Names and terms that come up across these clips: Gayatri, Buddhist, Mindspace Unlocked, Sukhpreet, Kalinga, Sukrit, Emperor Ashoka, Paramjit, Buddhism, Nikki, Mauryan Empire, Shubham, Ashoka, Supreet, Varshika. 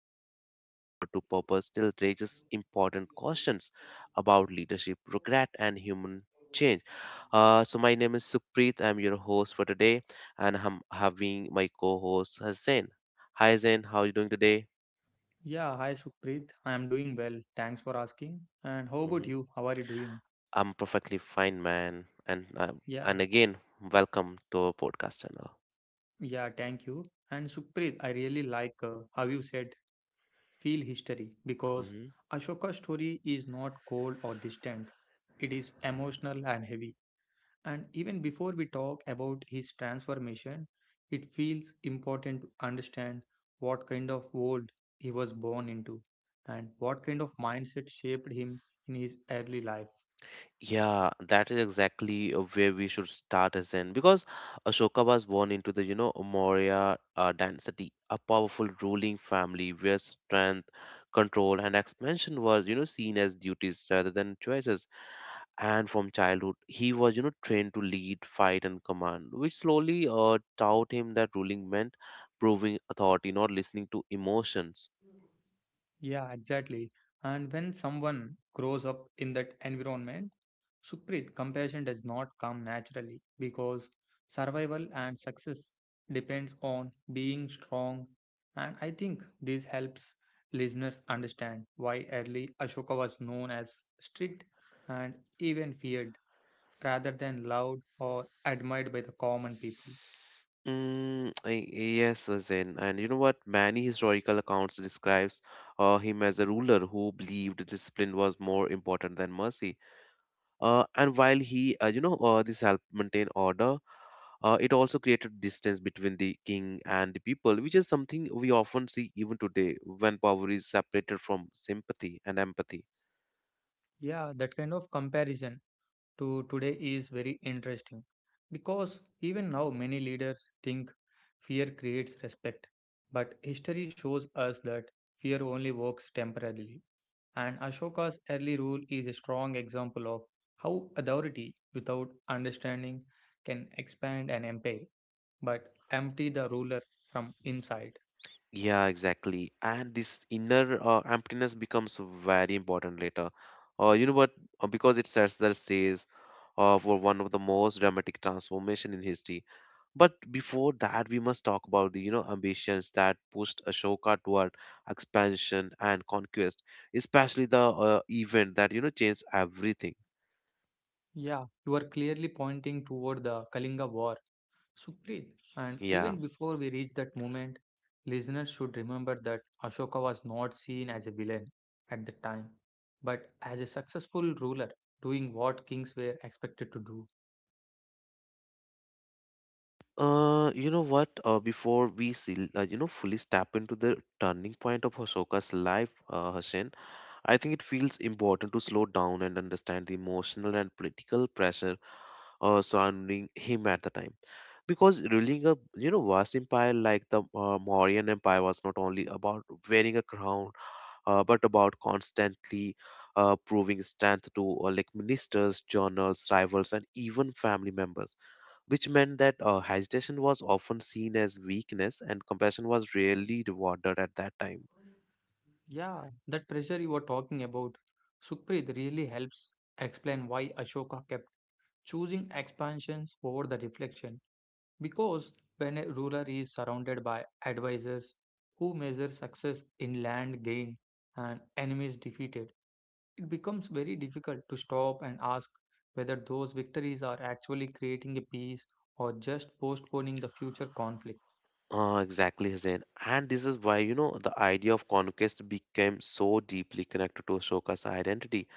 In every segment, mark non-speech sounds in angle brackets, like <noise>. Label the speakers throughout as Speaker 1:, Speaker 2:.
Speaker 1: journey from power to purpose still raises important questions about leadership, regret, and human change. My name is Supreet, I'm your host for today, and I'm having my co host Hussein. Hi Zen, how are you doing today?
Speaker 2: Yeah, hi Supreet. I am doing well. Thanks for asking. And how about
Speaker 1: hmm
Speaker 2: you? How are you doing?
Speaker 1: I'm perfectly fine, man. And uh,
Speaker 2: Yeah,
Speaker 1: and again, welcome to our podcast channel.
Speaker 2: yeah, thank you. And Supreet, I really like how you said feel history because
Speaker 1: hmm
Speaker 2: Ashoka's story is not cold or distant. It is emotional and heavy. And even before we talk about his transformation, it feels important to understand what kind of world he was born into and what kind of mindset shaped him in his early life.
Speaker 1: Yeah, that is exactly where we should start as Zen, because Ashoka was born into the Maurya dynasty, a powerful ruling family where strength, control, and expansion was seen as duties rather than choices. And from childhood, he was trained to lead, fight, and command, which slowly taught him that ruling meant proving authority, not listening to emotions.
Speaker 2: Yeah, exactly. And when someone grows up in that environment, Supreet, compassion does not come naturally because survival and success depends on being strong. And I think this helps listeners understand why early Ashoka was known as strict and even feared rather than loved or admired by the common people.
Speaker 1: I- yes, Zain. And you know what many historical accounts describes him as a ruler who believed discipline was more important than mercy, and while he this helped maintain order. It also created distance between the king and the people, which is something we often see even today when power is separated from sympathy and empathy.
Speaker 2: Yeah, that kind of comparison to today is very interesting because even now many leaders think fear creates respect, but history shows us that fear only works temporarily. And Ashoka's early rule is a strong example of how authority without understanding can expand an empire but empty the ruler from inside.
Speaker 1: Yeah, exactly. And this inner emptiness becomes very important later. You know what? Because it sets the stage for one of the most dramatic transformation in history. But before that, we must talk about the ambitions that pushed Ashoka toward expansion and conquest, especially the event that changed everything.
Speaker 2: Yeah, you are clearly pointing toward the Kalinga War Sukrit, and
Speaker 1: Yeah.
Speaker 2: even before we reach that moment, listeners should remember that Ashoka was not seen as a villain at the time, but as a successful ruler doing what kings were expected to do.
Speaker 1: You know what? Before we see, fully step into the turning point of Ashoka's life, Hassan, I think it feels important to slow down and understand the emotional and political pressure surrounding him at the time, because ruling a vast empire like the Mauryan Empire was not only about wearing a crown, but about constantly proving strength to ministers, journals, rivals, and even family members, which meant that hesitation was often seen as weakness, and compassion was rarely rewarded at that time.
Speaker 2: Yeah, that pressure you were talking about, Sukrit, really helps explain why Ashoka kept choosing expansions over the reflection. Because when a ruler is surrounded by advisors who measure success in land gained and enemies defeated, it becomes very difficult to stop and ask whether those victories are actually creating a peace or just postponing the future conflict.
Speaker 1: Exactly, Hussein. And this is why, the idea of conquest became so deeply connected to Ashoka's identity,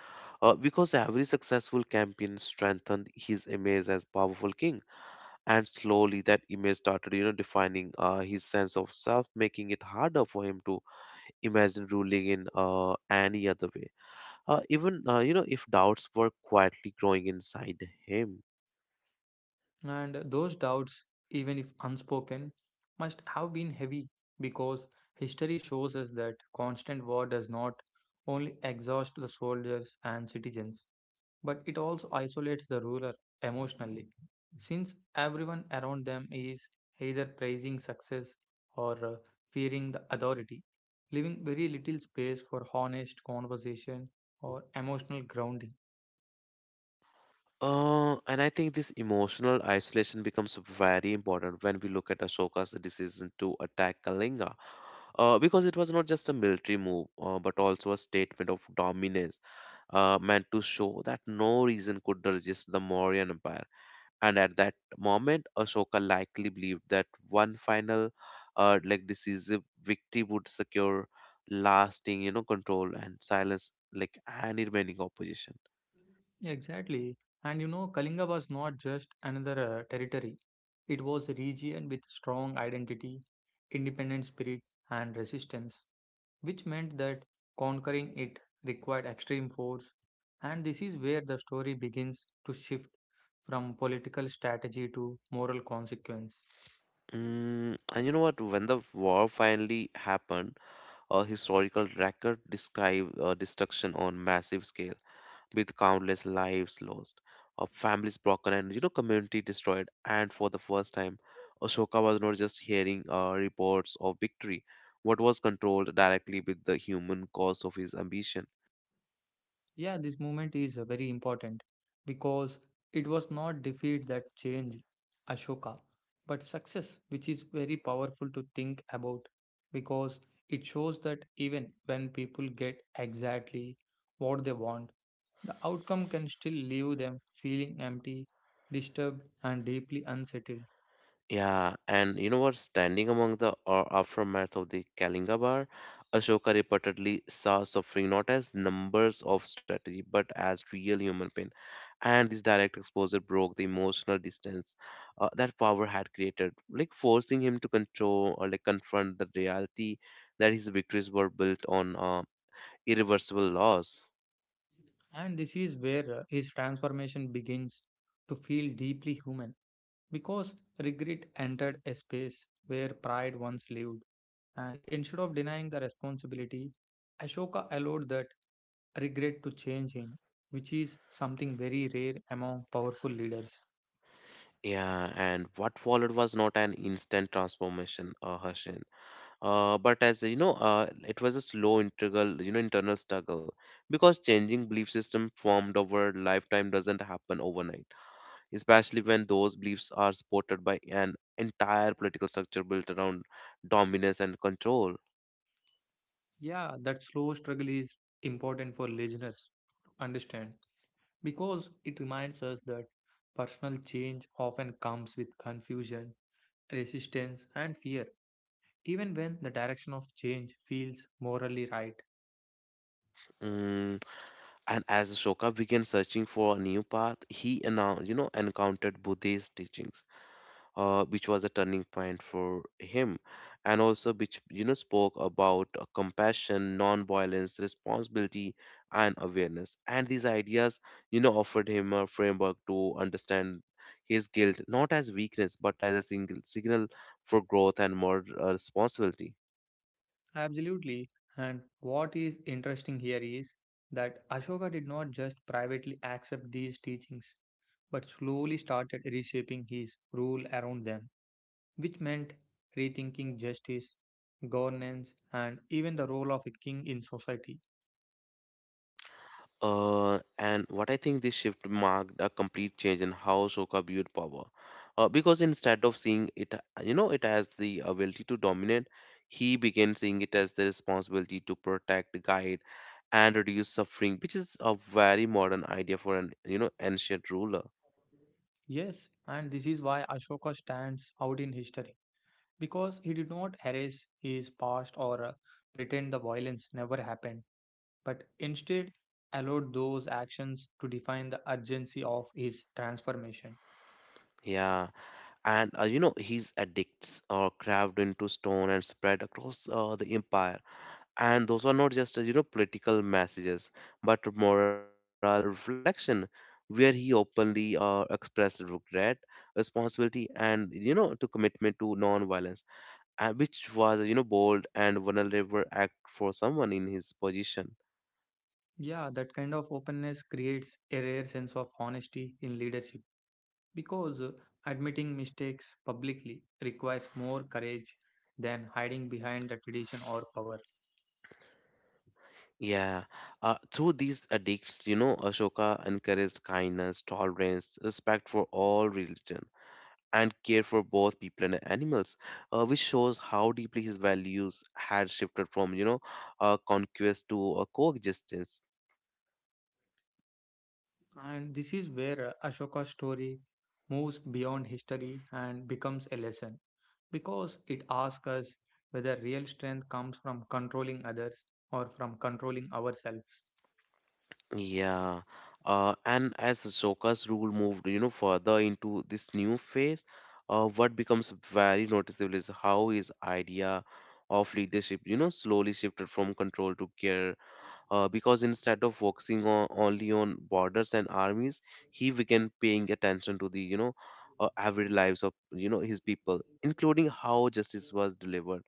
Speaker 1: Because every successful campaign strengthened his image as powerful king, and slowly that image started, defining his sense of self, making it harder for him to imagine ruling in any other way. Even if doubts were quietly growing inside him.
Speaker 2: And those doubts, even if unspoken, must have been heavy because history shows us that constant war does not only exhaust the soldiers and citizens, but it also isolates the ruler emotionally, since everyone around them is either praising success or fearing the authority, leaving very little space for honest conversation or emotional grounding.
Speaker 1: And I think this emotional isolation becomes very important when we look at Ashoka's decision to attack Kalinga, because it was not just a military move, but also a statement of dominance meant to show that no reason could resist the Mauryan Empire. And at that moment, Ashoka likely believed that one final, decisive victory would secure lasting, control and silence, any remaining opposition.
Speaker 2: Exactly. And you know, Kalinga was not just another territory. It was a region with strong identity, independent spirit, and resistance, which meant that conquering it required extreme force. And this is where the story begins to shift from political strategy to moral consequence.
Speaker 1: And you know what? When the war finally happened, a historical record described destruction on massive scale, with countless lives lost, of families broken, and community destroyed. And for the first time, Ashoka was not just hearing reports of victory, what was controlled directly with the human cause of his ambition.
Speaker 2: Yeah, this movement is very important because it was not defeat that changed Ashoka, but success, which is very powerful to think about because it shows that even when people get exactly what they want, the outcome can still leave them feeling empty, disturbed, and deeply unsettled.
Speaker 1: Yeah, and you know what? Standing among the aftermath of the Kalinga Bar, Ashoka reportedly saw suffering not as numbers of strategy but as real human pain, and this direct exposure broke the emotional distance that power had created, forcing him to control or confront the reality that his victories were built on irreversible loss.
Speaker 2: And this is where his transformation begins to feel deeply human. Because regret entered a space where pride once lived, and instead of denying the responsibility, Ashoka allowed that regret to change him, which is something very rare among powerful leaders.
Speaker 1: Yeah, and what followed was not an instant transformation, Hashin, but as you know it was a slow integral internal struggle, because changing belief system formed over lifetime doesn't happen overnight, especially when those beliefs are supported by an entire political structure built around dominance and control.
Speaker 2: Yeah, that slow struggle is important for listeners to understand because it reminds us that personal change often comes with confusion, resistance, and fear, even when the direction of change feels morally right.
Speaker 1: Mm, and as Ashoka began searching for a new path, he announced, encountered Buddhist teachings, which was a turning point for him, and also which spoke about compassion, non-violence, responsibility, and awareness. And these ideas, offered him a framework to understand his guilt not as weakness but as a single signal for growth and more responsibility.
Speaker 2: Absolutely. And what is interesting here is that Ashoka did not just privately accept these teachings, but slowly started reshaping his rule around them, which meant rethinking justice, governance, and even the role of a king in society.
Speaker 1: And what I think this shift marked a complete change in how Sokka viewed power, because instead of seeing it as the ability to dominate, he began seeing it as the responsibility to protect, guide, and reduce suffering, which is a very modern idea for an, ancient ruler.
Speaker 2: Yes, and this is why Ashoka stands out in history, because he did not erase his past or pretend the violence never happened, but instead allowed those actions to define the urgency of his transformation.
Speaker 1: Yeah, and his edicts are carved into stone and spread across the empire, and those are not just political messages but moral reflection, where he openly expressed regret, responsibility, and to commitment to non-violence, which was bold and vulnerable act for someone in his position.
Speaker 2: Yeah, that kind of openness creates a rare sense of honesty in leadership because admitting mistakes publicly requires more courage than hiding behind the tradition or power.
Speaker 1: Yeah, through these edicts, Ashoka encouraged kindness, tolerance, respect for all religion, and care for both people and animals, which shows how deeply his values had shifted from, conquest to coexistence.
Speaker 2: And this is where Ashoka's story moves beyond history and becomes a lesson because it asks us whether real strength comes from controlling others or from controlling ourselves.
Speaker 1: Yeah. And as Ashoka's rule moved, further into this new phase, what becomes very noticeable is how his idea of leadership, slowly shifted from control to care, because instead of focusing on only on borders and armies, he began paying attention to the everyday lives of his people, including how justice was delivered,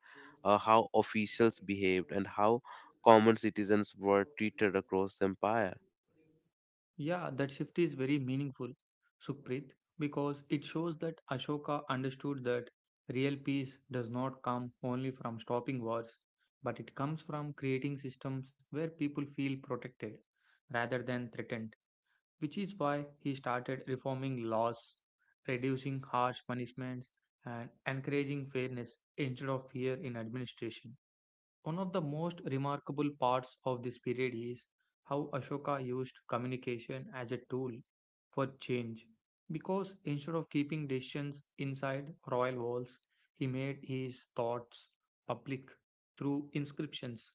Speaker 1: how officials behaved, and how common citizens were treated across the empire.
Speaker 2: Yeah, that shift is very meaningful, Supreet, because it shows that Ashoka understood that real peace does not come only from stopping wars, but it comes from creating systems where people feel protected rather than threatened, which is why he started reforming laws, reducing harsh punishments, and encouraging fairness instead of fear in administration. One of the most remarkable parts of this period is how Ashoka used communication as a tool for change. Because instead of keeping decisions inside royal walls, he made his thoughts public through inscriptions,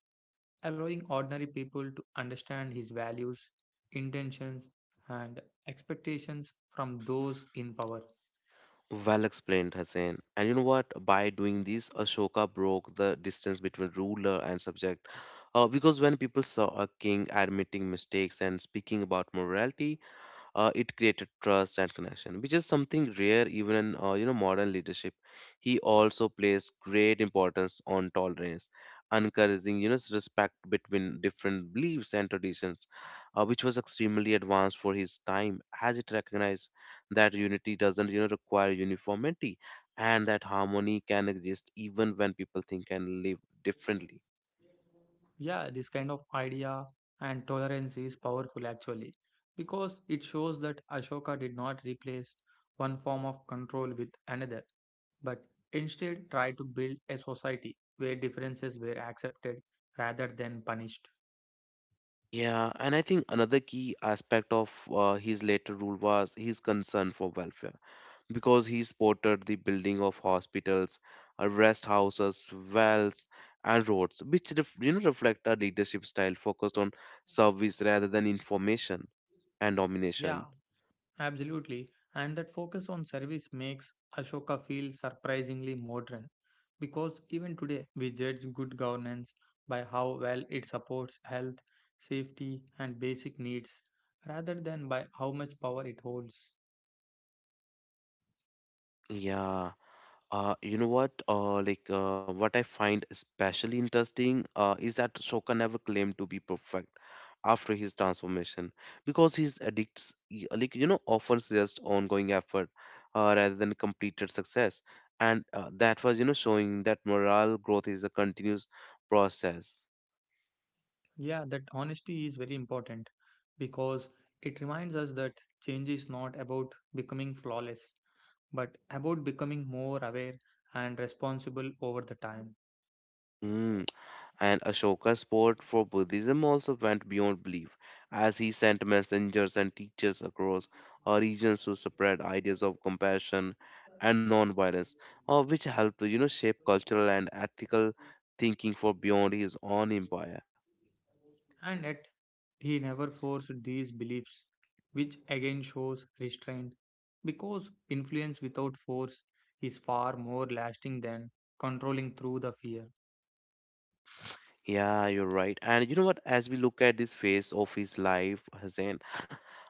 Speaker 2: allowing ordinary people to understand his values, intentions, and expectations from those in power.
Speaker 1: Well explained, Hussein. And you know what? By doing this, Ashoka broke the distance between ruler and subject, because when people saw a king admitting mistakes and speaking about morality, it created trust and connection, which is something rare even in modern leadership. He also placed great importance on tolerance, encouraging s- respect between different beliefs and traditions, which was extremely advanced for his time, as it recognized that unity doesn't require uniformity, and that harmony can exist even when people think and live differently.
Speaker 2: Yeah, this kind of idea and tolerance is powerful actually because it shows that Ashoka did not replace one form of control with another, but instead tried to build a society where differences were accepted rather than punished.
Speaker 1: Yeah, and I think another key aspect of his later rule was his concern for welfare, because he supported the building of hospitals, rest houses, wells, and roads, which reflect a leadership style focused on service rather than information and domination.
Speaker 2: Yeah, absolutely, and that focus on service makes Ashoka feel surprisingly modern because even today we judge good governance by how well it supports health, safety, and basic needs rather than by how much power it holds.
Speaker 1: Yeah. What I find especially interesting is that Shoka never claimed to be perfect after his transformation, because his addicts, often suggest ongoing effort rather than completed success, and that was showing that moral growth is a continuous process.
Speaker 2: Yeah, that honesty is very important because it reminds us that change is not about becoming flawless but about becoming more aware and responsible over the time.
Speaker 1: Hmm. And Ashoka's support for Buddhism also went beyond belief, as he sent messengers and teachers across regions to spread ideas of compassion and non-violence, which helped shape cultural and ethical thinking for beyond his own empire.
Speaker 2: And yet, he never forced these beliefs, which again shows restraint, because influence without force is far more lasting than controlling through the fear.
Speaker 1: Yeah, you're right. And you know what? As we look at this phase of his life, Hussein,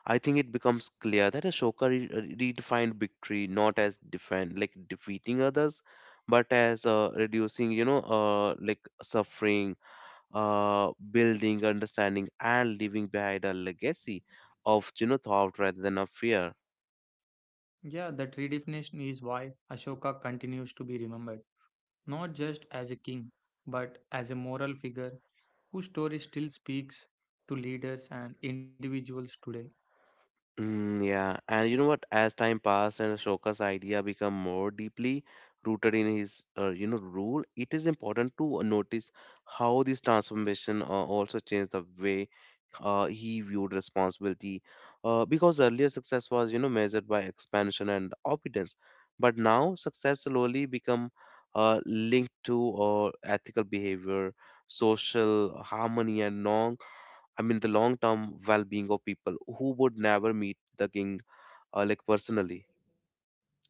Speaker 1: I think it becomes clear that Ashoka redefined victory not as defend like defeating others, but as reducing suffering, building understanding, and leaving behind a legacy of thought rather than of fear.
Speaker 2: Yeah, that redefinition is why Ashoka continues to be remembered, not just as a king, but as a moral figure whose story still speaks to leaders and individuals today.
Speaker 1: Yeah, and you know what? As time passed and Ashoka's idea become more deeply rooted in his rule, it is important to notice how this transformation also changed the way he viewed responsibility, because earlier success was measured by expansion and obedience, but now success slowly become linked to ethical behavior, social harmony, and long I mean the long term well being of people who would never meet the king personally.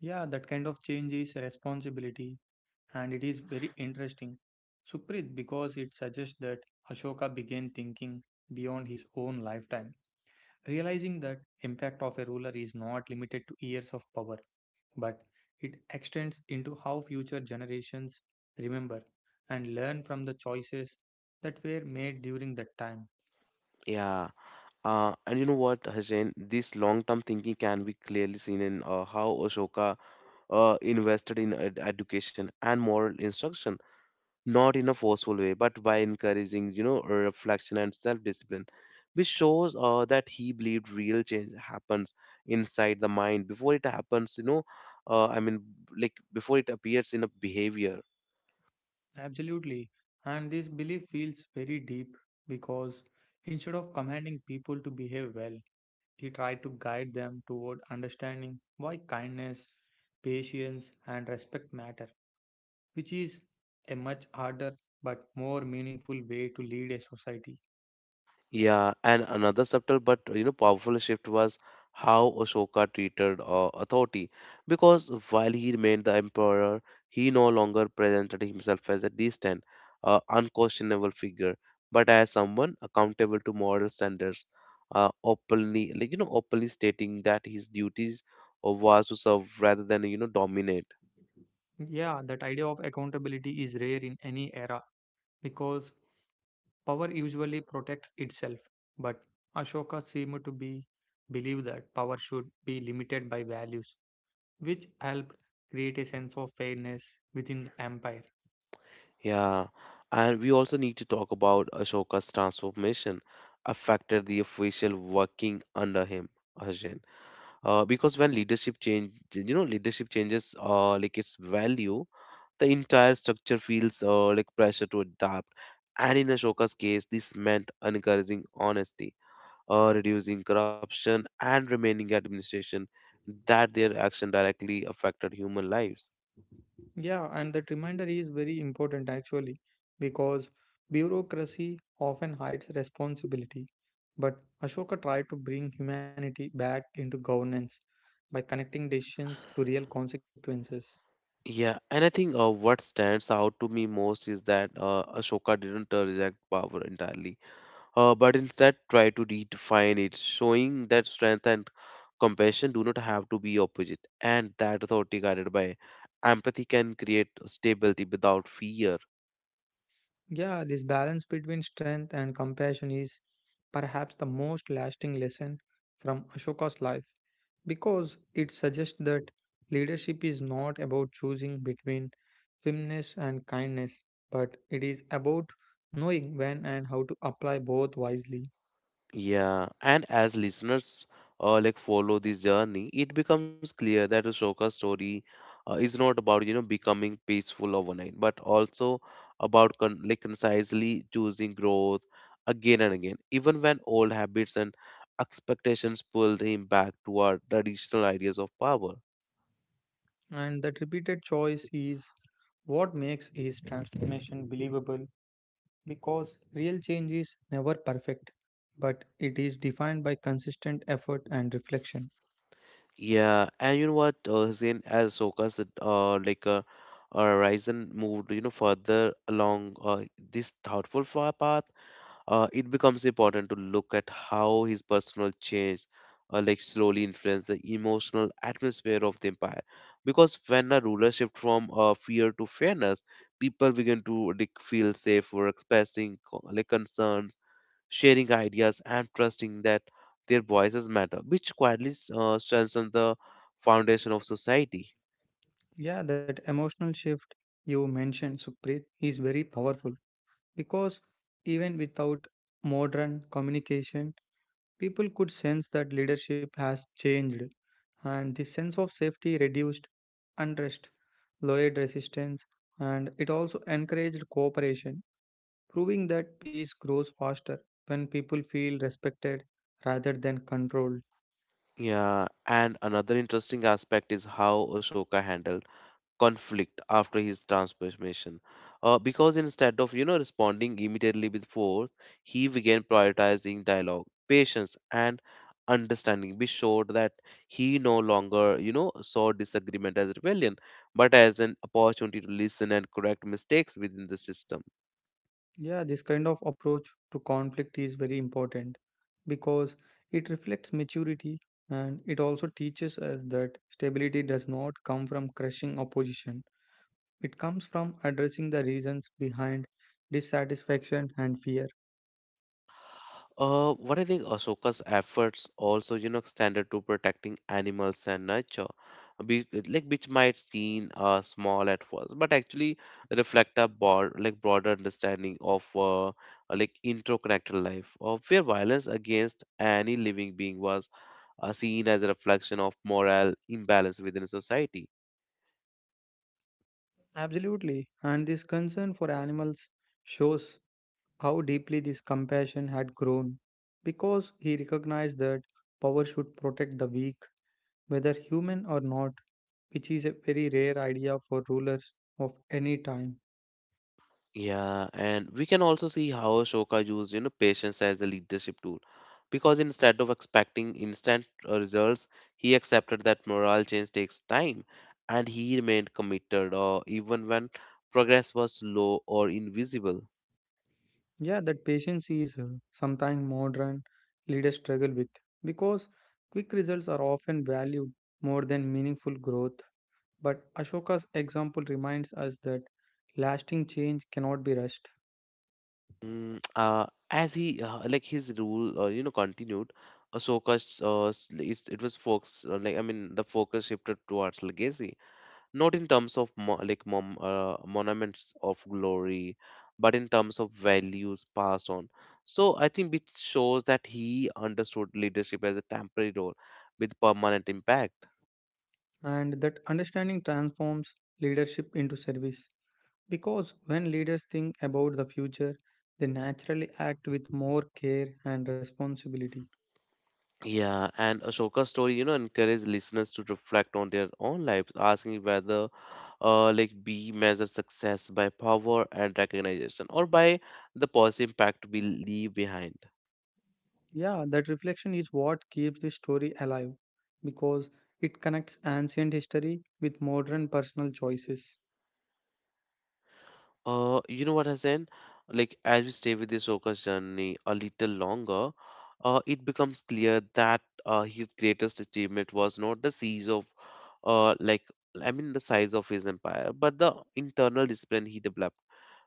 Speaker 2: Yeah, that kind of change is a responsibility and it is very interesting, Suprit, because it suggests that Ashoka began thinking beyond his own lifetime. Realizing that impact of a ruler is not limited to years of power, but it extends into how future generations remember and learn from the choices that were made during that time.
Speaker 1: Yeah, and you know what Hassan, this long term thinking can be clearly seen in how Ashoka invested in education and moral instruction, not in a forceful way, but by encouraging, reflection and self discipline, which shows that he believed real change happens inside the mind before it happens, uh, I mean, before it appears in a behavior.
Speaker 2: Absolutely. And this belief feels very deep because instead of commanding people to behave well, he tried to guide them toward understanding why kindness, patience, and respect matter, which is a much harder but more meaningful way to lead a society.
Speaker 1: Yeah, and another subtle but powerful shift was how Ashoka treated authority, because while he remained the emperor, he no longer presented himself as a distant, unquestionable figure, but as someone accountable to moral standards, openly like you know openly stating that his duties was to serve rather than dominate.
Speaker 2: Yeah, that idea of accountability is rare in any era because power usually protects itself. But Ashoka seemed to be believe that power should be limited by values, which helped create a sense of fairness within the empire.
Speaker 1: Yeah, and we also need to talk about Ashoka's transformation affected the official working under him, Arjun. Because when leadership change, leadership changes like its value, the entire structure feels like pressure to adapt. And in Ashoka's case, this meant encouraging honesty, reducing corruption, and remaining administration that their action directly affected human lives.
Speaker 2: Yeah, and that reminder is very important actually because bureaucracy often hides responsibility. But Ashoka tried to bring humanity back into governance by connecting decisions to real consequences.
Speaker 1: Yeah, and I think what stands out to me most is that Ashoka didn't reject power entirely, but instead tried to redefine it, showing that strength and compassion do not have to be opposite, and that authority guided by empathy can create stability without fear.
Speaker 2: Yeah, this balance between strength and compassion is perhaps the most lasting lesson from Ashoka's life because it suggests that leadership is not about choosing between firmness and kindness, but it is about knowing when and how to apply both wisely.
Speaker 1: Yeah, and as listeners like follow this journey, it becomes clear that Ashoka's story is not about becoming peaceful overnight, but also about concisely choosing growth again and again, even when old habits and expectations pulled him back toward traditional ideas of power.
Speaker 2: And that repeated choice is what makes his transformation believable because real change is never perfect, but it is defined by consistent effort and reflection.
Speaker 1: Yeah, and you know what, Hussein, as Soka's Ryzen moved further along this thoughtful path, it becomes important to look at how his personal change like slowly influenced the emotional atmosphere of the empire, because when a ruler shifts from fear to fairness, people begin to like, feel safe for expressing concerns, sharing ideas and trusting that their voices matter, which quietly strengthens the foundation of society.
Speaker 2: Yeah, that emotional shift you mentioned, Sukhpreet, is very powerful because even without modern communication, people could sense that leadership has changed and the sense of safety reduced unrest, lowered resistance, and it also encouraged cooperation, proving that peace grows faster when people feel respected rather than controlled.
Speaker 1: Yeah, and another interesting aspect is how Ashoka handled conflict after his transformation. Because instead of responding immediately with force, he began prioritizing dialogue, patience, and understanding, be sure that he no longer saw disagreement as rebellion, but as an opportunity to listen and correct mistakes within the system.
Speaker 2: Yeah, this kind of approach to conflict is very important because it reflects maturity and it also teaches us that stability does not come from crushing opposition. It comes from addressing the reasons behind dissatisfaction and fear.
Speaker 1: What I think Ashoka's efforts also, extended to protecting animals and nature, be, like which might seem small at first, but actually reflect a broader understanding of like interconnected life, of where violence against any living being was seen as a reflection of moral imbalance within society.
Speaker 2: Absolutely. And this concern for animals shows how deeply this compassion had grown because he recognized that power should protect the weak whether human or not, which is a very rare idea for rulers of any time.
Speaker 1: Yeah, and we can also see how Ashoka used, patience as a leadership tool. Because instead of expecting instant results, he accepted that moral change takes time, and he remained committed or even when progress was slow or invisible.
Speaker 2: Yeah, that patience is sometimes modern leaders struggle with because quick results are often valued more than meaningful growth. But Ashoka's example reminds us that lasting change cannot be rushed,
Speaker 1: Mm. As he like his rule continued, Ahsoka it was focused the focus shifted towards legacy, not in terms of monuments of glory, but in terms of values passed on. So I think it shows that he understood leadership as a temporary role with permanent impact.
Speaker 2: and that understanding transforms leadership into service. Because when leaders think about the future, they naturally act with more care and responsibility.
Speaker 1: Yeah, and Ashoka's story encourages listeners to reflect on their own lives, asking whether we measure success by power and recognition or by the positive impact we leave behind.
Speaker 2: Yeah, that reflection is what keeps the story alive because it connects ancient history with modern personal choices.
Speaker 1: You know what, Hassan? Like, as we stay with this Oka's journey a little longer, it becomes clear that his greatest achievement was not the siege of, uh, like, the size of his empire, but the internal discipline he developed.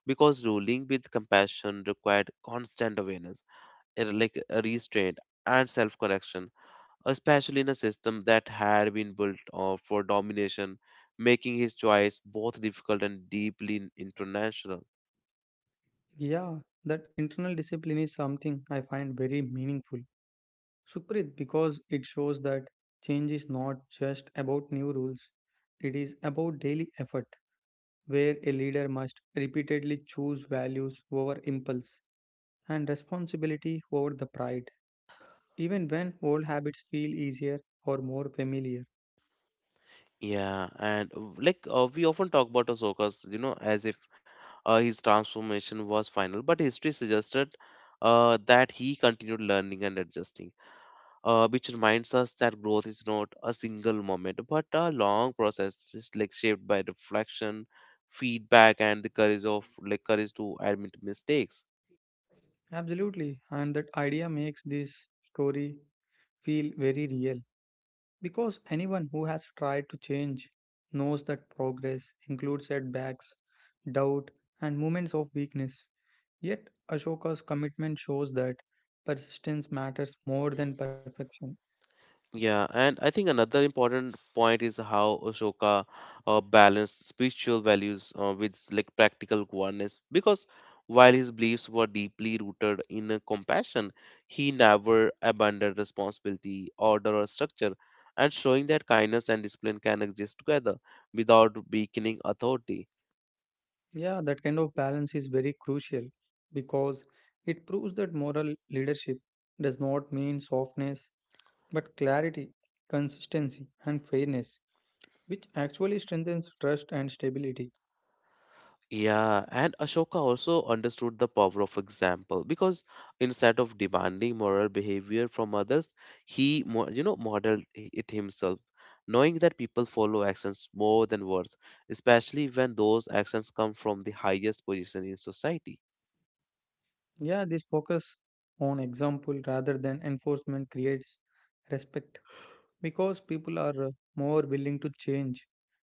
Speaker 1: Because ruling with compassion required constant awareness, restraint and self-correction, especially in a system that had been built for domination, making his choice both difficult and deeply international.
Speaker 2: Yeah, that internal discipline is something I find very meaningful, Sukrit, because it shows that change is not just about new rules, it is about daily effort, where a leader must repeatedly choose values over impulse and responsibility over the pride, even when old habits feel easier or more familiar.
Speaker 1: Yeah, and we often talk about Ahsoka's, as if his transformation was final, but history suggested that he continued learning and adjusting, which reminds us that growth is not a single moment, but a long process, just like shaped by reflection, feedback, and the courage of like courage to admit mistakes.
Speaker 2: Absolutely, and that idea makes this story feel very real because anyone who has tried to change knows that progress includes setbacks, doubt, and moments of weakness. Yet, Ashoka's commitment shows that persistence matters more than perfection.
Speaker 1: Yeah, and I think another important point is how Ashoka balanced spiritual values with like practical goodness. Because while his beliefs were deeply rooted in compassion, he never abandoned responsibility, order, or structure, and showing that kindness and discipline can exist together without weakening authority.
Speaker 2: Yeah, that kind of balance is very crucial because it proves that moral leadership does not mean softness but clarity, consistency, and fairness, which actually strengthens trust and stability.
Speaker 1: Yeah, and Ashoka also understood the power of example, because instead of demanding moral behavior from others, he modeled it himself, knowing that people follow actions more than words, especially when those actions come from the highest position in society.
Speaker 2: Yeah, this focus on example rather than enforcement creates respect because people are more willing to change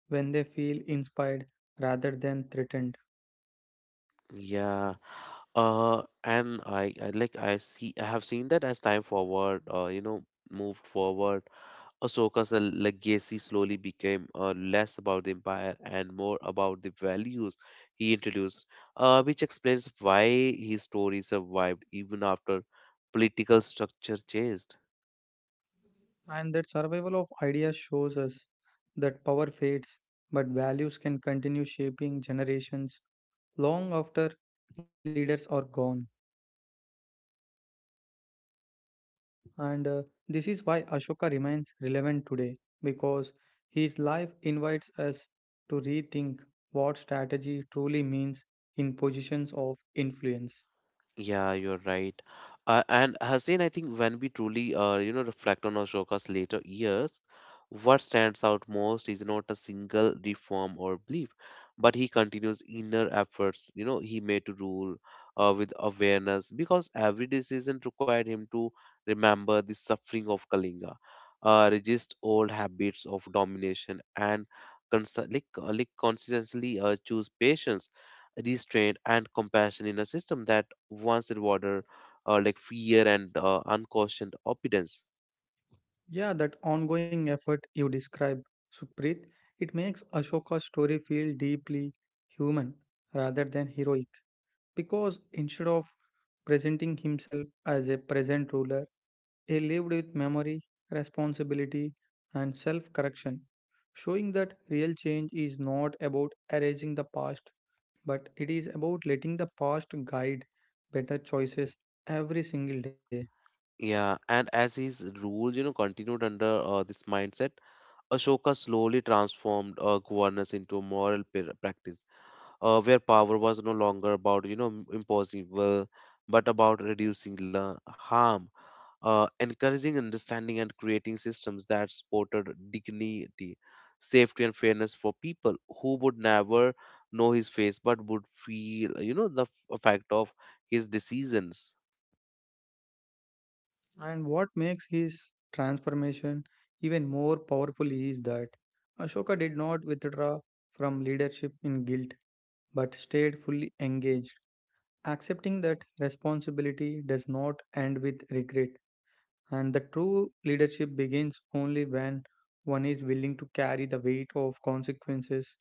Speaker 2: when they feel inspired rather than threatened.
Speaker 1: Yeah, and I like I see I have seen that as time forward, moved forward. Ahsoka's legacy slowly became less about the empire and more about the values he introduced, which explains why his story survived even after political structure changed.
Speaker 2: And that survival of ideas shows us that power fades, but values can continue shaping generations long after leaders are gone. And This is why Ashoka remains relevant today because his life invites us to rethink what strategy truly means in positions of influence.
Speaker 1: Yeah, you're right. And Hussein, I think when we truly, reflect on Ashoka's later years, what stands out most is not a single reform or belief, but he continues inner efforts, he made to rule with awareness, because every decision required him to remember the suffering of Kalinga, resist old habits of domination, and consistently choose patience, restraint, and compassion in a system that once in water, like fear and unquestioned obedience.
Speaker 2: Yeah, that ongoing effort you describe, Supreet, it makes Ashoka's story feel deeply human rather than heroic. Because instead of presenting himself as a present ruler, he lived with memory, responsibility, and self correction, showing that real change is not about erasing the past, but it is about letting the past guide better choices every single day.
Speaker 1: Yeah, and as his rule, continued under this mindset, Ashoka slowly transformed governance into a moral practice, where power was no longer about imposing will, but about reducing harm, encouraging understanding and creating systems that supported dignity, safety, and fairness for people who would never know his face but would feel, the effect of his decisions.
Speaker 2: And what makes his transformation even more powerful is that Ashoka did not withdraw from leadership in guilt but stayed fully engaged, accepting that responsibility does not end with regret and that true leadership begins only when one is willing to carry the weight of consequences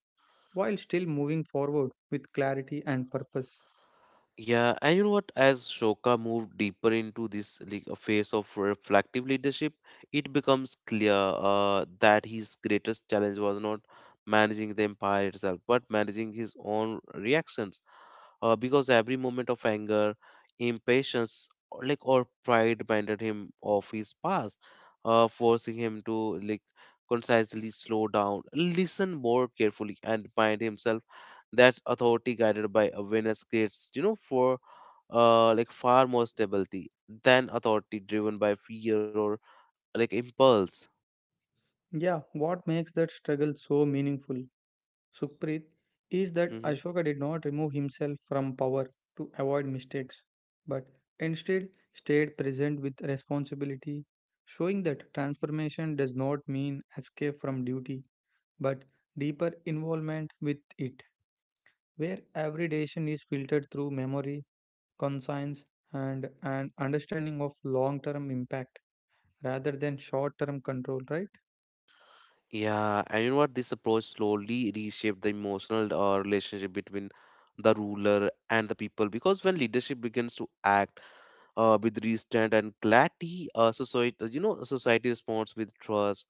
Speaker 2: while still moving forward with clarity and purpose.
Speaker 1: Yeah, and you know what? As Shoka moved deeper into this like a phase of reflective leadership, it becomes clear that his greatest challenge was not managing the empire itself, but managing his own reactions, because every moment of anger, impatience, or pride reminded him of his past, forcing him to like concisely slow down, listen more carefully, and remind himself that authority guided by awareness creates, for like far more stability than authority driven by fear or like impulse.
Speaker 2: Yeah, what makes that struggle so meaningful? Sukhpreet is
Speaker 1: Mm-hmm.
Speaker 2: that Ashoka did not remove himself from power to avoid mistakes, but instead stayed present with responsibility, showing that transformation does not mean escape from duty, but deeper involvement with it, where every decision is filtered through memory, conscience, and an understanding of long term impact rather than short term control, right?
Speaker 1: Yeah, and you know what? This approach slowly reshaped the emotional relationship between the ruler and the people, because when leadership begins to act with restraint and clarity, society society responds with trust,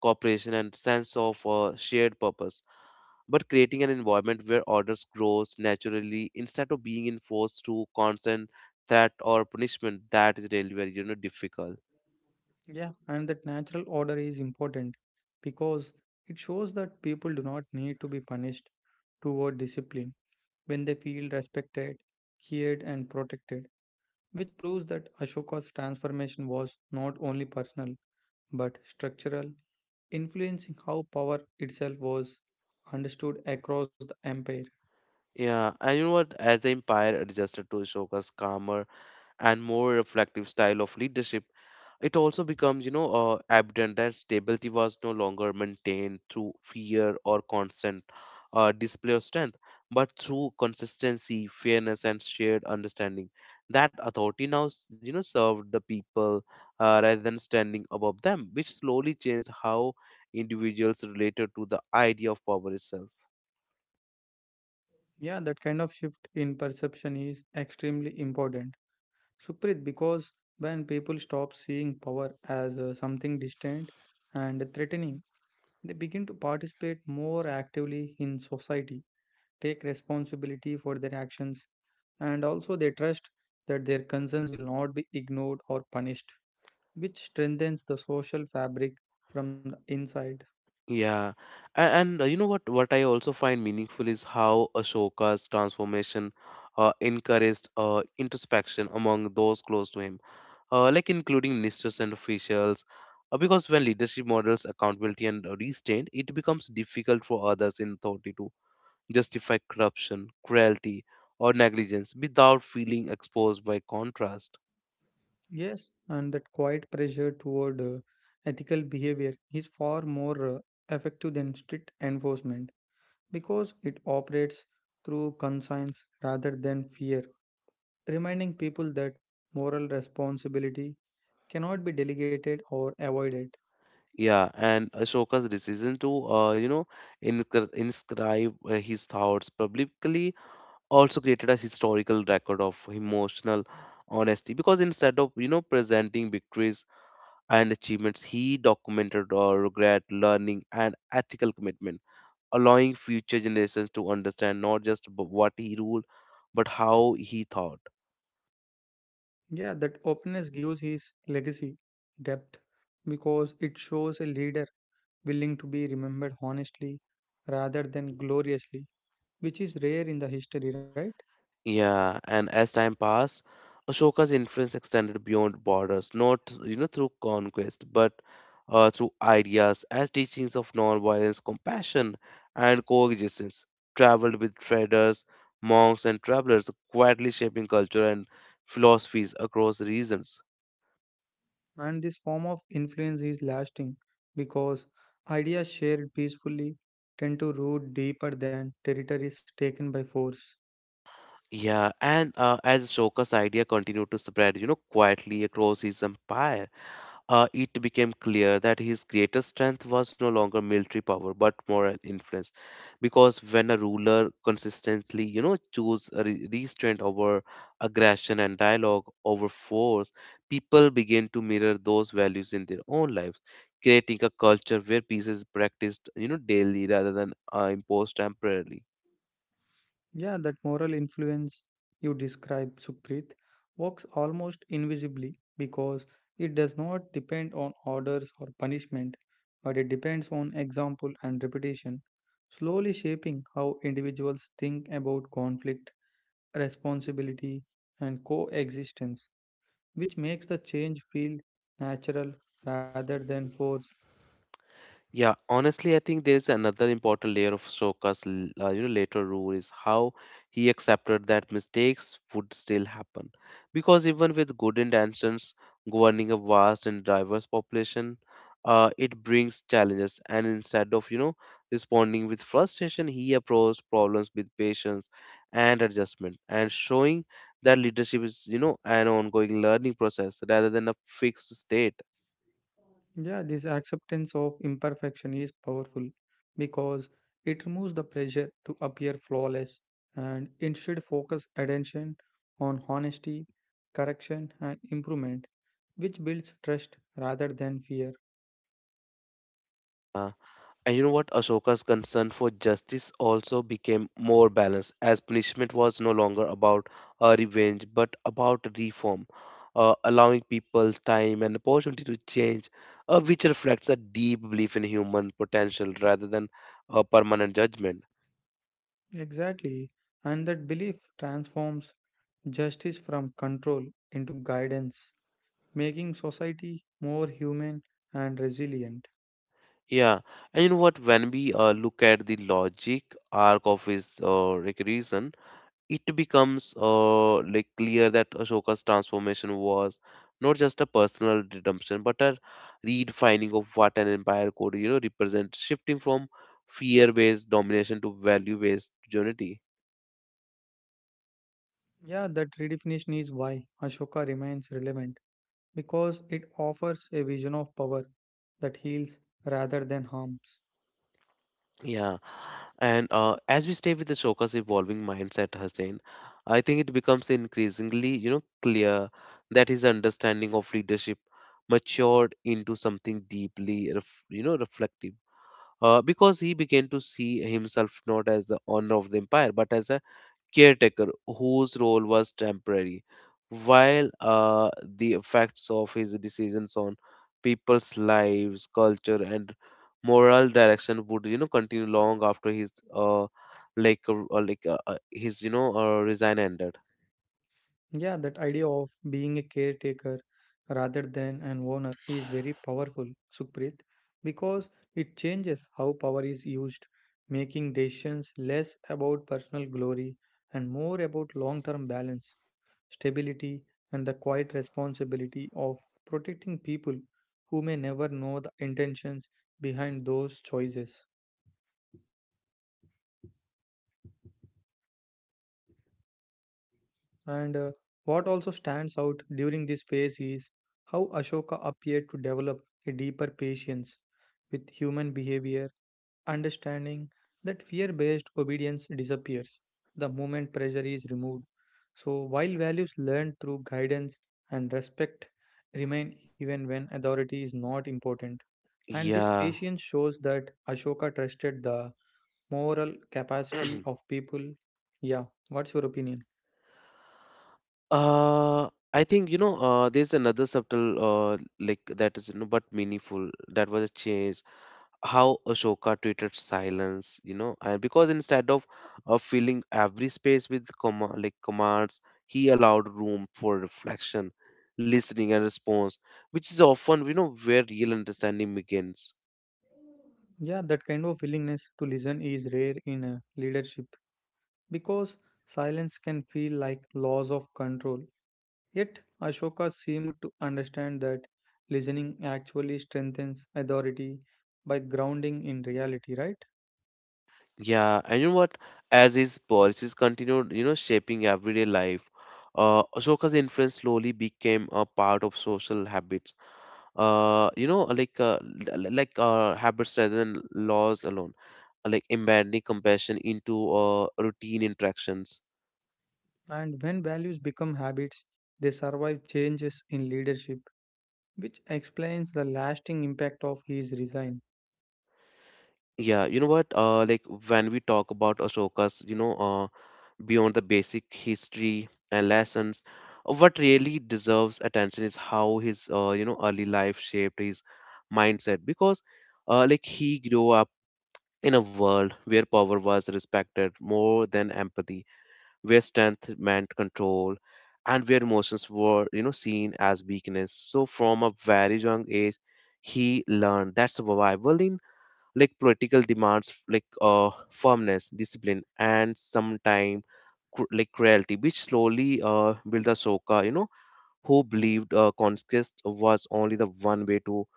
Speaker 1: cooperation, and sense of shared purpose. But creating an environment where orders grows naturally instead of being enforced through constant threat or punishment, that is really very difficult.
Speaker 2: Yeah, and that natural order is important because it shows that people do not need to be punished toward discipline when they feel respected, heard, and protected, which proves that Ashoka's transformation was not only personal but structural, influencing how power itself was understood across the empire.
Speaker 1: Yeah, and you know what? As the empire adjusted to Ashoka's calmer and more reflective style of leadership. It also becomes, evident that stability was no longer maintained through fear or constant display of strength, but through consistency, fairness, and shared understanding. That authority now, served the people rather than standing above them, which slowly changed how individuals related to the idea of power itself.
Speaker 2: Yeah, that kind of shift in perception is extremely important Suprit, because when people stop seeing power as something distant and threatening, they begin to participate more actively in society, take responsibility for their actions, and also they trust that their concerns will not be ignored or punished, which strengthens the social fabric from the inside.
Speaker 1: Yeah, and you know what? What I also find meaningful is how Ashoka's transformation encouraged introspection among those close to him, like including ministers and officials. Because when leadership models accountability and restraint, it becomes difficult for others in authority to justify corruption, cruelty, or negligence without feeling exposed by contrast.
Speaker 2: Yes, and that quiet pressure toward ethical behavior is far more effective than strict enforcement, because it operates through conscience rather than fear, reminding people that moral responsibility cannot be delegated or avoided.
Speaker 1: Yeah, and Ashoka's decision to, inscribe his thoughts publicly also created a historical record of emotional honesty, because instead of presenting victories and achievements, he documented our regret, learning, and ethical commitment, allowing future generations to understand not just what he ruled, but how he thought.
Speaker 2: Yeah, that openness gives his legacy depth because it shows a leader willing to be remembered honestly rather than gloriously, which is rare in the history, right?
Speaker 1: Yeah, and as time passed, Ashoka's influence extended beyond borders, not through conquest, but through ideas as teachings of non-violence, compassion, and coexistence. Traveled with traders, monks, and travelers, quietly shaping culture and philosophies across regions.
Speaker 2: And this form of influence is lasting because ideas shared peacefully tend to root deeper than territories taken by force.
Speaker 1: Yeah, and as Ashoka's idea continued to spread, quietly across his empire. It became clear that his greatest strength was no longer military power but moral influence, because when a ruler consistently choose a restraint over aggression and dialogue over force, people begin to mirror those values in their own lives, creating a culture where peace is practiced daily rather than imposed temporarily.
Speaker 2: Yeah, that moral influence you describe, Sukhpreet, works almost invisibly because it does not depend on orders or punishment, but it depends on example and repetition, slowly shaping how individuals think about conflict, responsibility, and coexistence, which makes the change feel natural rather than forced.
Speaker 1: Yeah, honestly, I think there's another important layer of Soka's later rule is how he accepted that mistakes would still happen, because even with good intentions governing a vast and diverse population, it brings challenges. And instead of responding with frustration, he approached problems with patience and adjustment, and showing that leadership is an ongoing learning process rather than a fixed state.
Speaker 2: Yeah, this acceptance of imperfection is powerful because it removes the pressure to appear flawless and instead focus attention on honesty, correction, and improvement, which builds trust rather than fear.
Speaker 1: uh, And you know what? Ashoka's concern for justice also became more balanced, as punishment was no longer about revenge but about reform, allowing people time and opportunity to change, which reflects a deep belief in human potential rather than a permanent judgment.
Speaker 2: Exactly, and that belief transforms justice from control into guidance, making society more human and resilient.
Speaker 1: Yeah, and you know what? When we look at the logic arc of his reason, it becomes clear that Ashoka's transformation was not just a personal redemption, but a redefining of what an empire could, represent, shifting from fear-based domination to value-based unity.
Speaker 2: Yeah, that redefinition is why Ashoka remains relevant because it offers a vision of power that heals rather than harms.
Speaker 1: Yeah, and as we stay with Ashoka's evolving mindset, Hussein, I think it becomes increasingly, clear that his understanding of leadership matured into something deeply, reflective because he began to see himself not as the owner of the empire but as a caretaker whose role was temporary. While the effects of his decisions on people's lives, culture, and moral direction would continue long after his his resign ended.
Speaker 2: Yeah, that idea of being a caretaker rather than an owner is very powerful, Sukhpreet, because it changes how power is used, making decisions less about personal glory and more about long term balance, stability, and the quiet responsibility of protecting people who may never know the intentions behind those choices. And What also stands out during this phase is how Ashoka appeared to develop a deeper patience with human behavior, understanding that fear based obedience disappears the moment pressure is removed. So, while values learned through guidance and respect remain even when authority is not important. And this
Speaker 1: Yeah.
Speaker 2: patience shows that Ashoka trusted the moral capacity
Speaker 1: <clears throat>
Speaker 2: of people. Yeah, what's your opinion?
Speaker 1: I think there's another subtle that is but meaningful that was a change how Ashoka treated silence, you know, and because instead of filling every space with comma, like commands, he allowed room for reflection, listening, and response, which is often, where real understanding begins.
Speaker 2: Yeah, that kind of willingness to listen is rare in leadership because silence can feel like loss of control. Yet, Ashoka seemed to understand that listening actually strengthens authority by grounding in reality, right?
Speaker 1: Yeah, and you know what? As his policies continued, shaping everyday life, Ashoka's influence slowly became a part of social habits. You know, like l- l- like Habits rather than laws alone embedding compassion into routine interactions.
Speaker 2: And when values become habits, they survive changes in leadership, which explains the lasting impact of his resign.
Speaker 1: Yeah, you know what? When we talk about Ashoka's, beyond the basic history and lessons, what really deserves attention is how his, early life shaped his mindset because, he grew up in a world where power was respected more than empathy, where strength meant control, and where emotions were seen as weakness. So from a very young age he learned that survival in like political demands like firmness, discipline, and sometime like cruelty, which slowly built Ahsoka, who believed conquest was only the one way to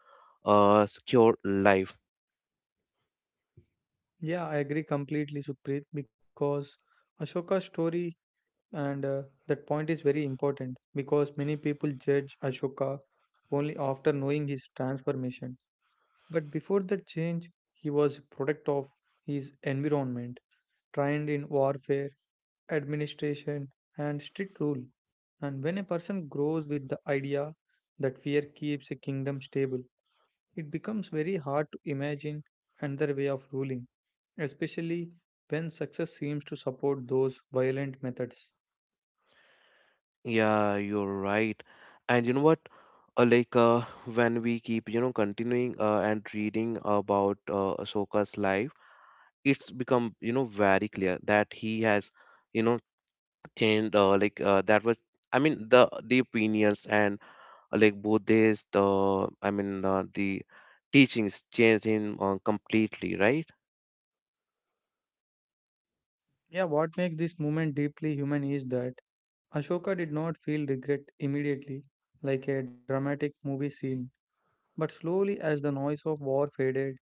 Speaker 1: secure life.
Speaker 2: Yeah, I agree completely, Supreet, because Ashoka's story. And That point is very important because many people judge Ashoka only after knowing his transformation. But before that change, he was a product of his environment, trained in warfare, administration, and strict rule. And when a person grows with the idea that fear keeps a kingdom stable, it becomes very hard to imagine another way of ruling, especially when success seems to support those violent methods.
Speaker 1: Yeah, you're right. And you know what? Uh, like uh, when we keep continuing and reading about Ahsoka's life, it's become very clear that he has you know changed. That was I mean the opinions and like Buddhist. I mean the teachings changed him completely, right?
Speaker 2: Yeah, what makes this moment deeply human is that Ashoka did not feel regret immediately, like a dramatic movie scene, but slowly as the noise of war faded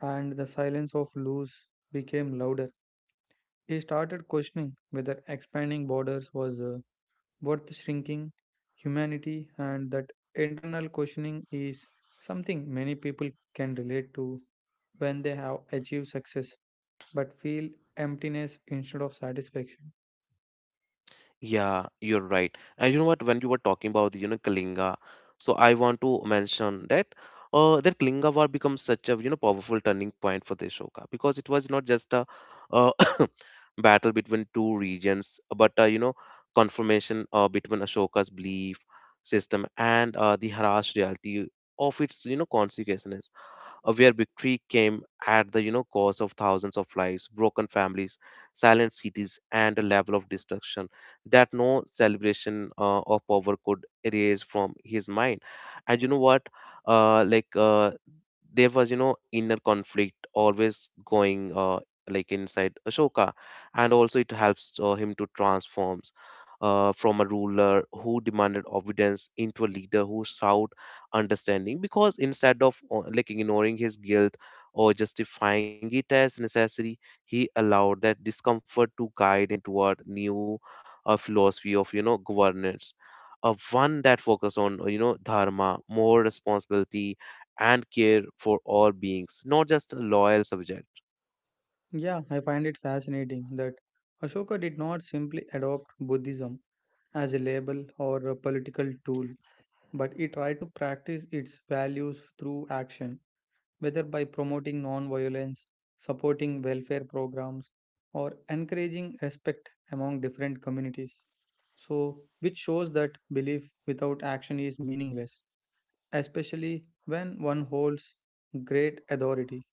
Speaker 2: and the silence of loose became louder, he started questioning whether expanding borders was worth shrinking humanity, and that internal questioning is something many people can relate to when they have achieved success but feel emptiness instead of satisfaction.
Speaker 1: Yeah, you're right. And you know what? When you were talking about the, you know, Kalinga, so I want to mention that that Kalinga War becomes such a, powerful turning point for the Ashoka because it was not just a uh, <coughs> battle between two regions, but confirmation between Ashoka's belief system and the harsh reality of its, consequences where victory came at the cost of thousands of lives, broken families, silent cities, and a level of destruction that no celebration of power could erase from his mind. And you know what? Uh, like uh, there was inner conflict always going like inside Ashoka, and also it helps him to transforms from a ruler who demanded obedience into a leader who sought understanding. Because instead of like ignoring his guilt or justifying it as necessary, he allowed that discomfort to guide him toward new philosophy of governance. One that focused on dharma, more responsibility and care for all beings, not just a loyal subject.
Speaker 2: Yeah, I find it fascinating that Ashoka did not simply adopt Buddhism as a label or a political tool, but he tried to practice its values through action, whether by promoting non-violence, supporting welfare programs, or encouraging respect among different communities. So, which shows that belief without action is meaningless, especially when one holds great authority.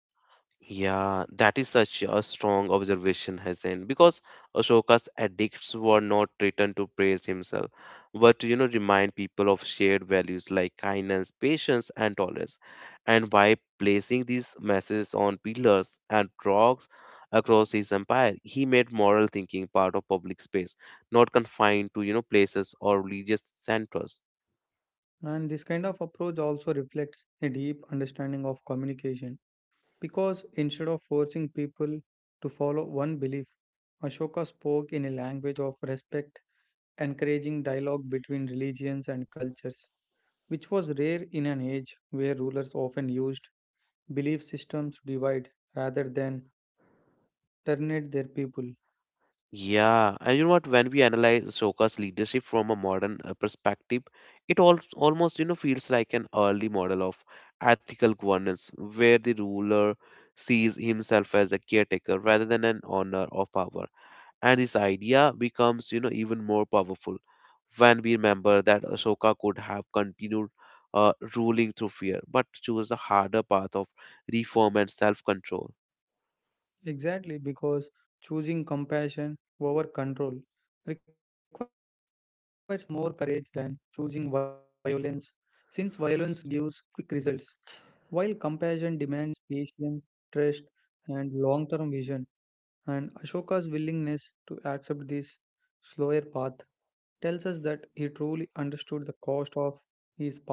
Speaker 1: Yeah, that is such a strong observation, Hasan, because Ashoka's edicts were not written to praise himself, but to, remind people of shared values like kindness, patience, and tolerance. And by placing these messages on pillars and rocks across his empire, he made moral thinking part of public space, not confined to, places or religious centers.
Speaker 2: And this kind of approach also reflects a deep understanding of communication because instead of forcing people to follow one belief, Ashoka spoke in a language of respect, encouraging dialogue between religions and cultures, which was rare in an age where rulers often used belief systems to divide rather than terminate their people.
Speaker 1: Yeah, and you know what? When we analyze Ashoka's leadership from a modern perspective, it al almost feels like an early model of ethical governance, where the ruler sees himself as a caretaker rather than an owner of power. And this idea becomes even more powerful when we remember that Ashoka could have continued ruling through fear, but chose the harder path of reform and self-control.
Speaker 2: Exactly, because choosing compassion over control requires more courage than choosing violence, since violence gives quick results, while compassion demands patience, trust, and long term vision. And Ashoka's willingness to accept this slower path tells us that he truly understood the cost of his past actions.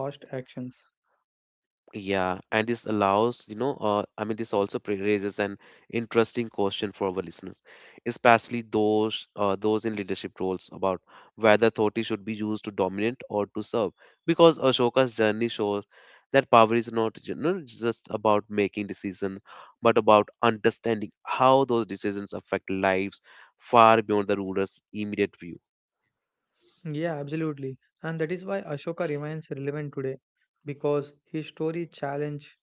Speaker 1: Yeah, and this allows, I mean, this also raises an interesting question for our listeners, especially those in leadership roles about whether authority should be used to dominate or to serve. Because Ashoka's journey shows that power is not, just about making decisions, but about understanding how those decisions affect lives far beyond the ruler's immediate view.
Speaker 2: Yeah, absolutely. And that is why Ashoka remains relevant today because his story challenged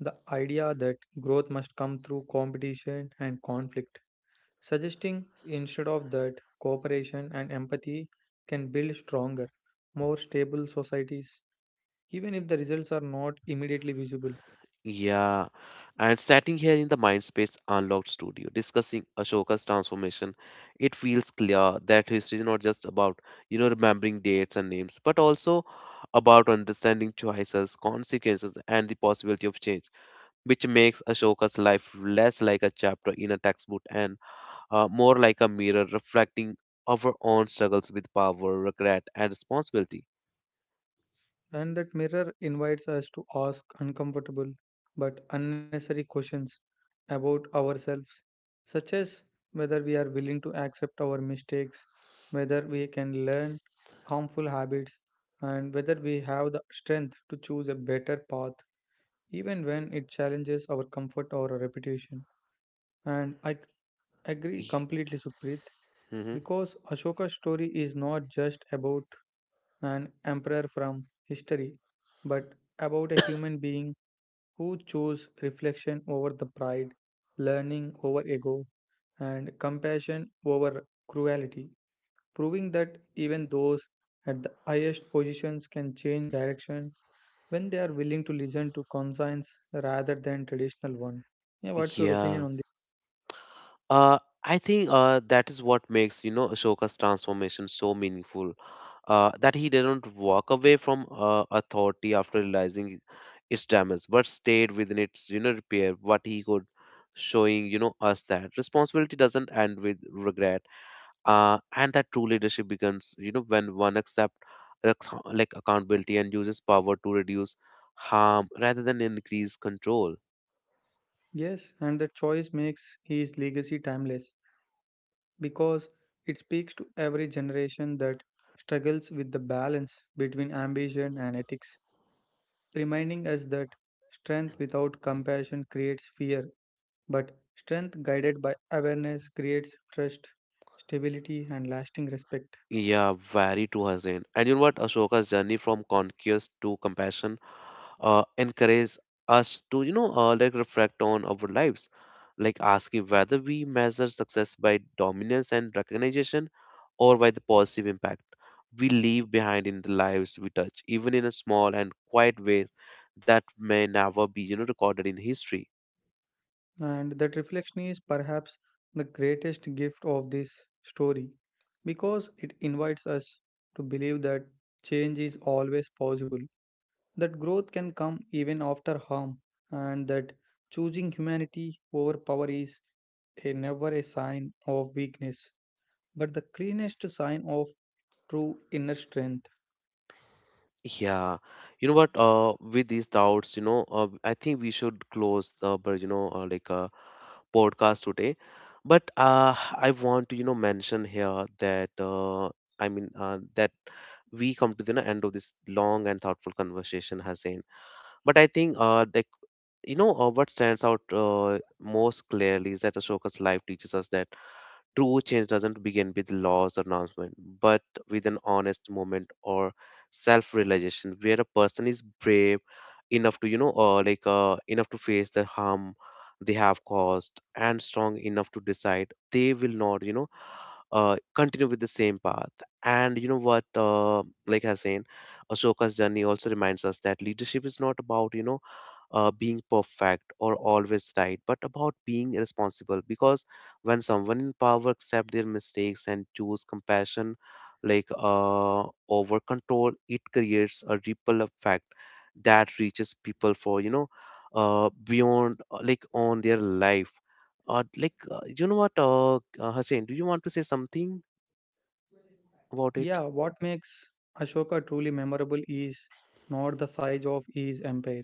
Speaker 2: the idea that growth must come through competition and conflict, suggesting instead of that cooperation and empathy can build stronger, more stable societies, even if the results are not immediately visible.
Speaker 1: Yeah, and starting here in the Mindspace Unlocked studio, discussing Ashoka's transformation, it feels clear that history is not just about, remembering dates and names, but also about understanding choices, consequences, and the possibility of change, which makes Ashoka's life less like a chapter in a textbook and more like a mirror reflecting our own struggles with power, regret, and responsibility.
Speaker 2: And that mirror invites us to ask uncomfortable but unnecessary questions about ourselves, such as whether we are willing to accept our mistakes, whether we can learn harmful habits, and whether we have the strength to choose a better path, even when it challenges our comfort or our reputation. And I c- Agree
Speaker 1: Y-
Speaker 2: completely, Supreet,
Speaker 1: Mhm.
Speaker 2: because Ashoka's story is not just about an emperor from history, but about a human being who chose reflection over the pride, learning over ego, and compassion over cruelty, proving that even those at the highest positions can change direction when they are willing to listen to conscience rather than traditional one. Yeah, what's your opinion
Speaker 1: Yeah.
Speaker 2: on this?
Speaker 1: Uh, I think that is what makes Ashoka's transformation so meaningful. That he didn't walk away from authority after realizing its damage, but stayed within its repair. What he could, showing us that responsibility doesn't end with regret. And that true leadership begins when one accepts like accountability and uses power to reduce harm rather than increase control.
Speaker 2: Yes, and the choice makes his legacy timeless, because it speaks to every generation that struggles with the balance between ambition and ethics, reminding us that strength without compassion creates fear, but strength guided by awareness creates trust, stability, and lasting respect.
Speaker 1: Yeah, very true, Hussein. And you know what? Ashoka's journey from conquest to compassion encourages us to, reflect on our lives, like asking whether we measure success by dominance and recognition or by the positive impact we leave behind in the lives we touch, even in a small and quiet ways that may never be, recorded in history.
Speaker 2: And that reflection is perhaps the greatest gift of this story because it invites us to believe that change is always possible, that growth can come even after harm, and that choosing humanity over power is a never a sign of weakness, but the cleanest sign of true inner strength.
Speaker 1: Yeah, you know what? With these doubts, I think we should close the, but you know, like. Podcast today. But I want to, mention here that I mean that we come to the end of this long and thoughtful conversation, Hussein. But I think what stands out most clearly is that Ashoka's life teaches us that true change doesn't begin with laws or announcement, but with an honest moment or self-realization where a person is brave enough to, enough to face the harm they have caused and strong enough to decide they will not, continue with the same path. And you know what, I was saying, Ashoka's journey also reminds us that leadership is not about, being perfect or always right, but about being responsible. Because when someone in power accept their mistakes and choose compassion, over control, it creates a ripple effect that reaches people for beyond on their life. Hussein, do you want to say something about it?
Speaker 2: Yeah, what makes Ashoka truly memorable is not the size of his empire,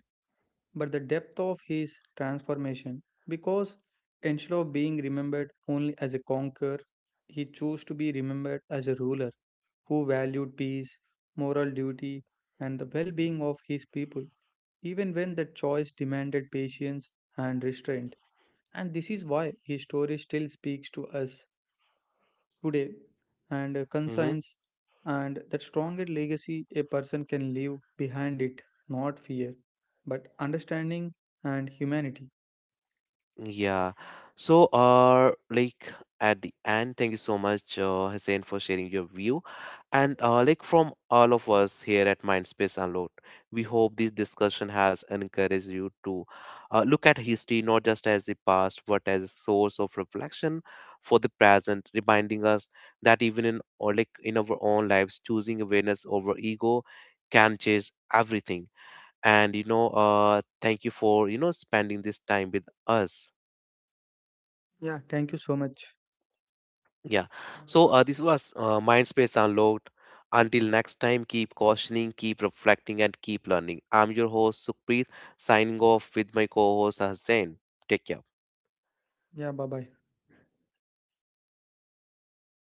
Speaker 2: but the depth of his transformation. Because instead of being remembered only as a conqueror, he chose to be remembered as a ruler who valued peace, moral duty, and the well being of his people, even when that choice demanded patience and restraint. And this is why his story still speaks to us today and consigns and that stronger legacy a person can leave behind it, not fear, but understanding and humanity.
Speaker 1: Yeah. So, at the end, thank you so much, Hussein, for sharing your view. And from all of us here at Mindspace Unload, we hope this discussion has encouraged you to look at history not just as the past, but as a source of reflection for the present, reminding us that even in or like in our own lives, choosing awareness over ego can change everything. And thank you for spending this time with us.
Speaker 2: Yeah, thank you so much.
Speaker 1: Yeah. So this was Mindspace Unlocked. Until next time, keep cautioning, keep reflecting, and keep learning. I'm your host Sukhpreet, signing off with my co-host Hussain. Take care.
Speaker 2: Yeah, bye bye.
Speaker 1: <clears throat> <coughs>